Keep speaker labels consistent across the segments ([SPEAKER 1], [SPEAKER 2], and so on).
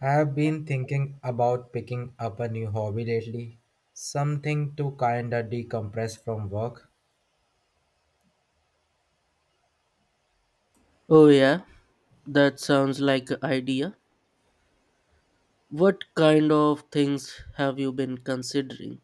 [SPEAKER 1] I have been thinking about picking up a new hobby lately, something to kinda decompress from work.
[SPEAKER 2] Oh, yeah, that sounds like an idea. What kind of things have you been considering?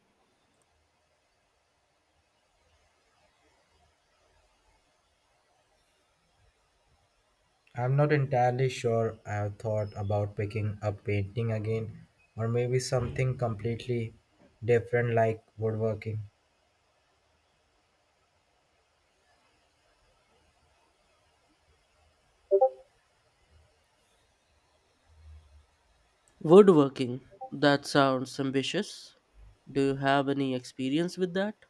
[SPEAKER 1] I'm not entirely sure. I have thought about picking up painting again, or maybe something completely different, like woodworking.
[SPEAKER 2] Woodworking. That sounds ambitious. Do you have any experience with that?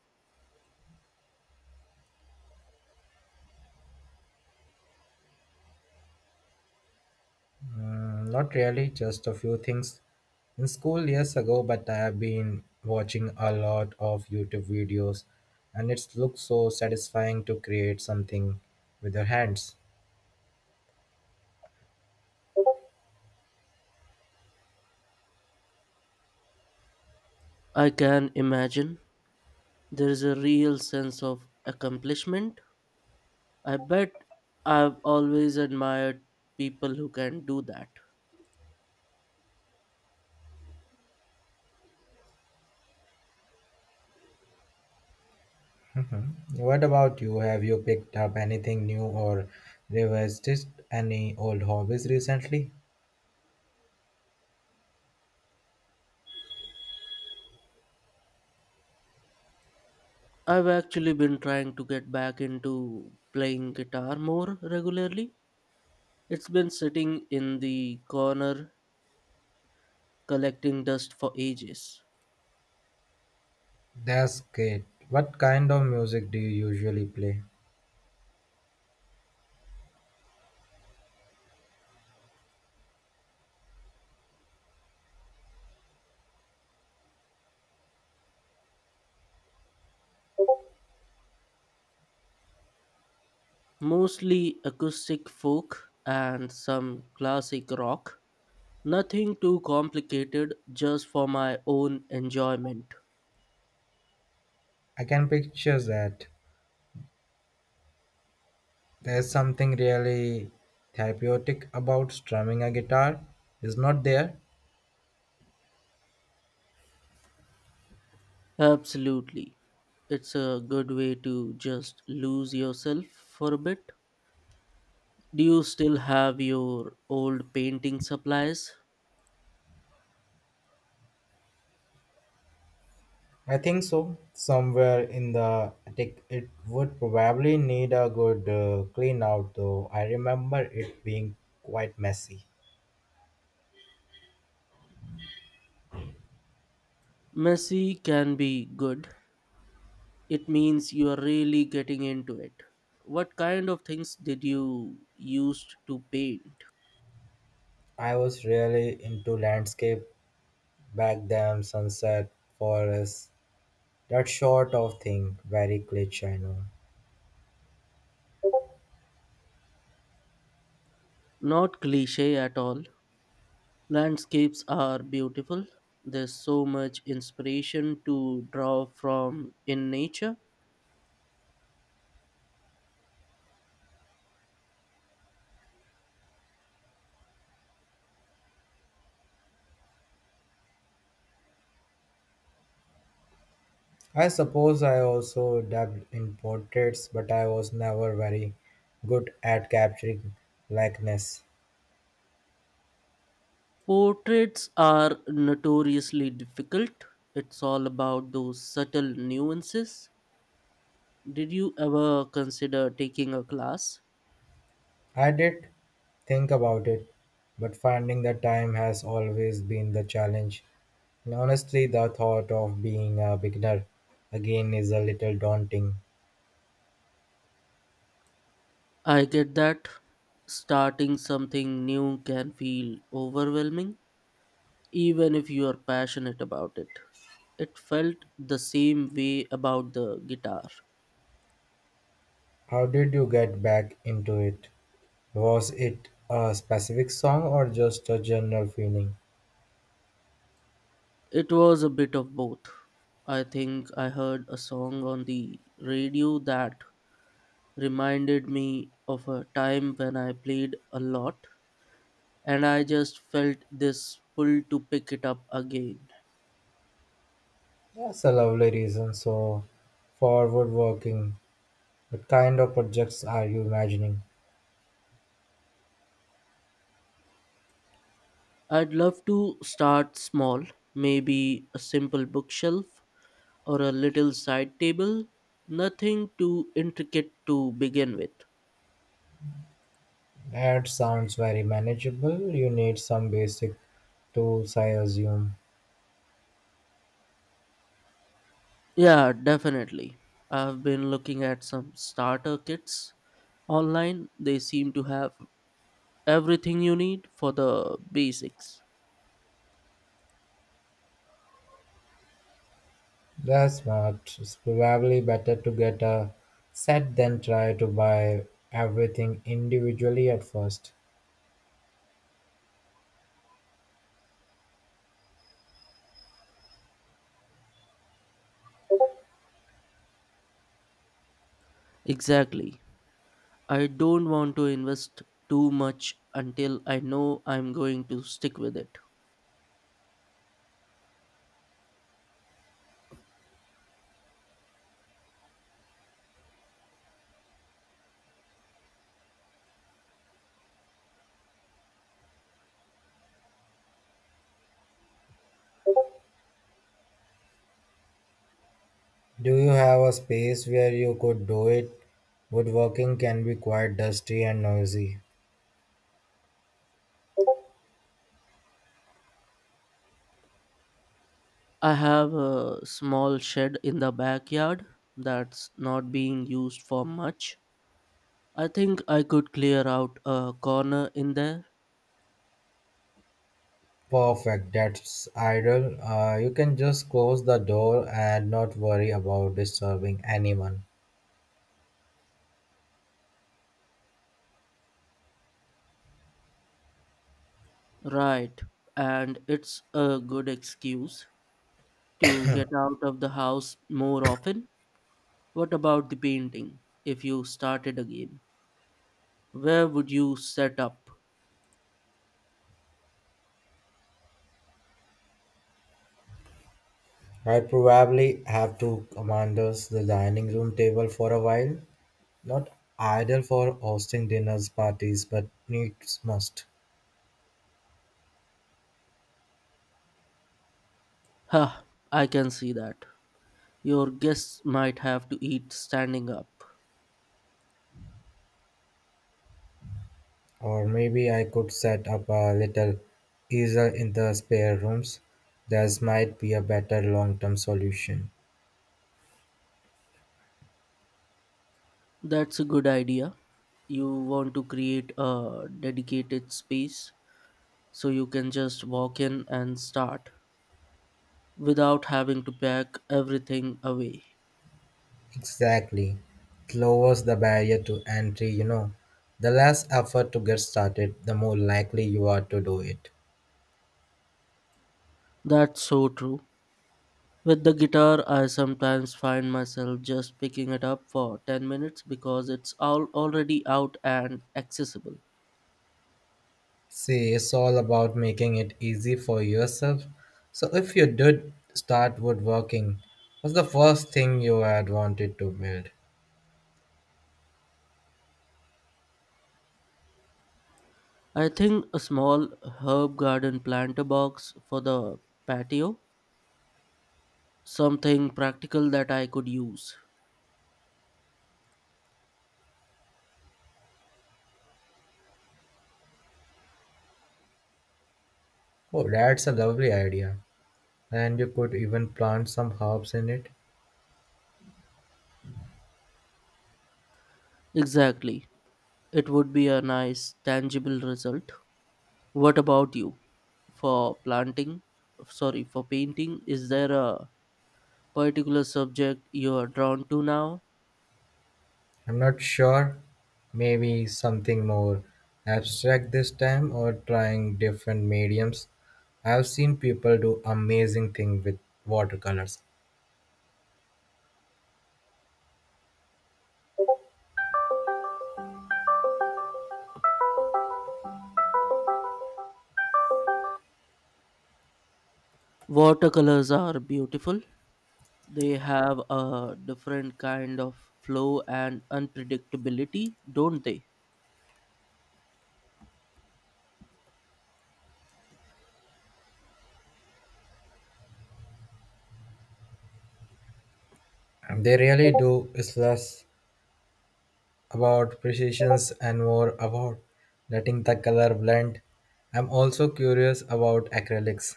[SPEAKER 1] Mm, not really, just a few things in school years ago, but I have been watching a lot of YouTube videos, and it looks so satisfying to create something with your hands.
[SPEAKER 2] I can imagine. There is a real sense of accomplishment. I bet I've always admired people who can do that.
[SPEAKER 1] What about you? Have you picked up anything new or revisited any old hobbies recently?
[SPEAKER 2] I've actually been trying to get back into playing guitar more regularly. It's been sitting in the corner collecting dust for ages.
[SPEAKER 1] That's great. What kind of music do you usually play?
[SPEAKER 2] Mostly acoustic folk and some classic rock. Nothing too complicated, just for my own enjoyment.
[SPEAKER 1] I can picture that. There's something really therapeutic about strumming a guitar, is not there?
[SPEAKER 2] Absolutely. It's a good way to just lose yourself for a bit. Do you still have your old painting supplies?
[SPEAKER 1] I think so. Somewhere in the attic, it would probably need a good clean out, though I remember it being quite messy.
[SPEAKER 2] Messy can be good. It means you are really getting into it. What kind of things did you used to paint?
[SPEAKER 1] I was really into landscape. Back them, sunset, forest, that sort of thing. Very glitch, I know.
[SPEAKER 2] Not cliche at all. Landscapes are beautiful. There's so much inspiration to draw from in nature.
[SPEAKER 1] I suppose I also dabbed in portraits, but I was never very good at capturing likeness.
[SPEAKER 2] Portraits are notoriously difficult. It's all about those subtle nuances. Did you ever consider taking a class?
[SPEAKER 1] I did think about it, but finding the time has always been the challenge. And honestly, the thought of being a beginner again is a little daunting.
[SPEAKER 2] I get that starting something new can feel overwhelming, even if you are passionate about it. It felt the same way about the guitar.
[SPEAKER 1] How did you get back into it? Was it a specific song or just a general feeling?
[SPEAKER 2] It was a bit of both. I think I heard a song on the radio that reminded me of a time when I played a lot, and I just felt this pull to pick it up again.
[SPEAKER 1] That's a lovely reason. So, for woodworking, what kind of projects are you imagining?
[SPEAKER 2] I'd love to start small, maybe a simple bookshelf or a little side table, nothing too intricate to begin with.
[SPEAKER 1] That sounds very manageable. You need some basic tools, I assume.
[SPEAKER 2] Yeah, definitely. I've been looking at some starter kits online. They seem to have everything you need for the basics.
[SPEAKER 1] That's smart. It's probably better to get a set than try to buy everything individually at first.
[SPEAKER 2] Exactly. I don't want to invest too much until I know I'm going to stick with it.
[SPEAKER 1] Do you have a space where you could do it? Woodworking can be quite dusty and noisy.
[SPEAKER 2] I have a small shed in the backyard that's not being used for much. I think I could clear out a corner in there.
[SPEAKER 1] Perfect, that's ideal. You can just close the door and not worry about disturbing anyone.
[SPEAKER 2] Right, and it's a good excuse to get out of the house more often. What about the painting? If you started again, where would you set up?
[SPEAKER 1] I probably have to commandos the dining room table for a while. Not ideal for hosting dinners, parties, but needs must.
[SPEAKER 2] Huh, I can see that. Your guests might have to eat standing up.
[SPEAKER 1] Or maybe I could set up a little easel in the spare rooms. That might be a better long term solution.
[SPEAKER 2] That's a good idea. You want to create a dedicated space so you can just walk in and start without having to pack everything away.
[SPEAKER 1] Exactly. It lowers the barrier to entry, you know. The less effort to get started, the more likely you are to do it.
[SPEAKER 2] That's so true. With the guitar, I sometimes find myself just picking it up for 10 minutes because it's all already out and accessible.
[SPEAKER 1] See, it's all about making it easy for yourself. So, if you did start woodworking, what's the first thing you had wanted to build?
[SPEAKER 2] I think a small herb garden planter box for the patio, something practical that I could use.
[SPEAKER 1] Oh, that's a lovely idea. And you could even plant some herbs in it.
[SPEAKER 2] Exactly. It would be a nice tangible result. What about you? For planting, sorry, for painting, is there a particular subject you are drawn to now?
[SPEAKER 1] I'm not sure. Maybe something more abstract this time, or trying different mediums. I've seen people do amazing things with watercolors.
[SPEAKER 2] Watercolors are beautiful. They have a different kind of flow and unpredictability, don't they?
[SPEAKER 1] They really do. It's less about precisions and more about letting the color blend. I'm also curious about acrylics.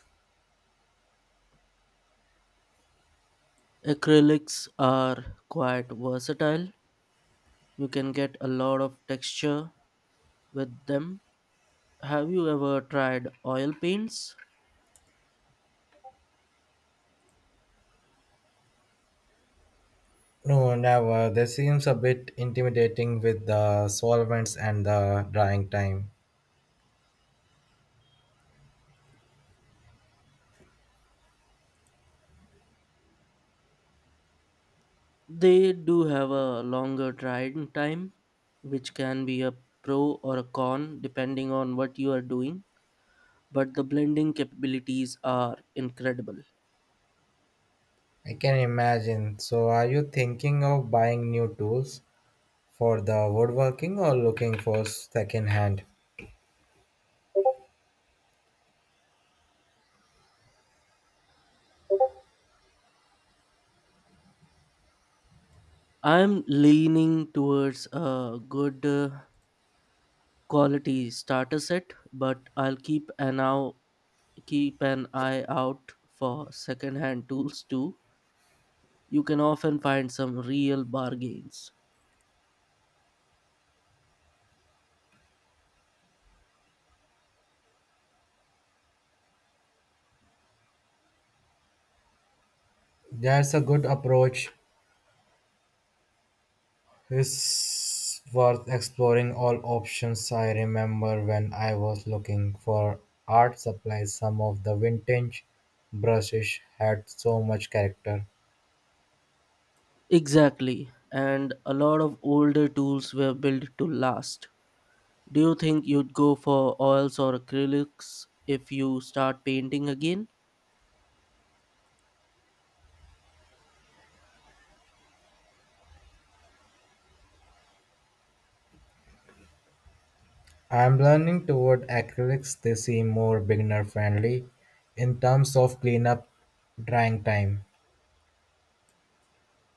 [SPEAKER 2] Acrylics are quite versatile. You can get a lot of texture with them. Have you ever tried oil paints?
[SPEAKER 1] No, never. This seems a bit intimidating with the solvents and the drying time.
[SPEAKER 2] They do have a longer drying time, which can be a pro or a con depending on what you are doing, but the blending capabilities are incredible.
[SPEAKER 1] I can imagine. So, are you thinking of buying new tools for the woodworking or looking for second hand?
[SPEAKER 2] I'm leaning towards a good quality starter set, but I'll keep an eye out for second-hand tools too. You can often find some real bargains.
[SPEAKER 1] That's a good approach. It's worth exploring all options. I remember when I was looking for art supplies, some of the vintage brushes had so much character.
[SPEAKER 2] Exactly, and a lot of older tools were built to last. Do you think you'd go for oils or acrylics if you start painting again?
[SPEAKER 1] I'm learning toward acrylics, they seem more beginner friendly in terms of cleanup drying time.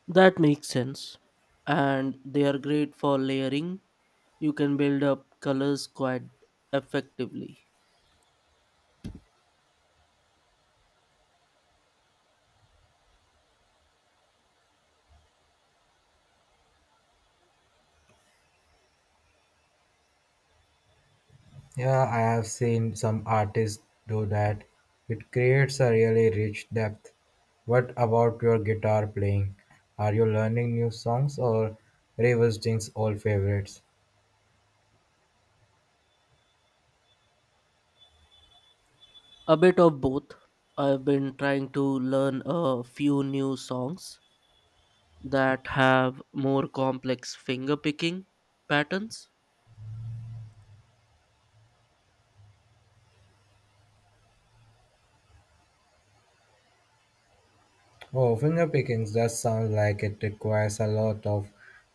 [SPEAKER 2] That makes sense. And they are great for layering. You can build up colors quite effectively.
[SPEAKER 1] Yeah, I have seen some artists do that. It creates a really rich depth. What about your guitar playing? Are you learning new songs or revisiting old favorites?
[SPEAKER 2] A bit of both. I've been trying to learn a few new songs that have more complex finger picking patterns.
[SPEAKER 1] Oh, finger pickings does sound like it requires a lot of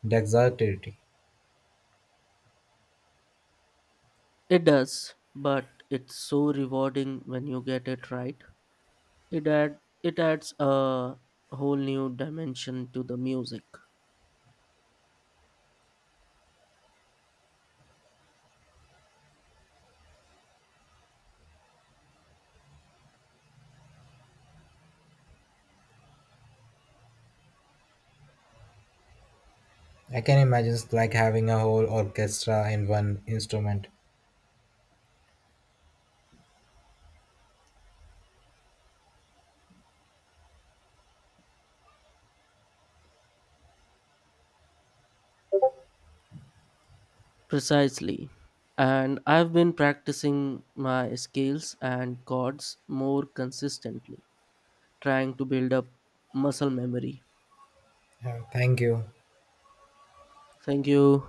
[SPEAKER 1] dexterity.
[SPEAKER 2] It does, but it's so rewarding when you get it right. It adds a whole new dimension to the music.
[SPEAKER 1] I can imagine it's like having a whole orchestra in one instrument.
[SPEAKER 2] Precisely. And I've been practicing my scales and chords more consistently, trying to build up muscle memory.
[SPEAKER 1] Yeah, thank you.
[SPEAKER 2] Thank you.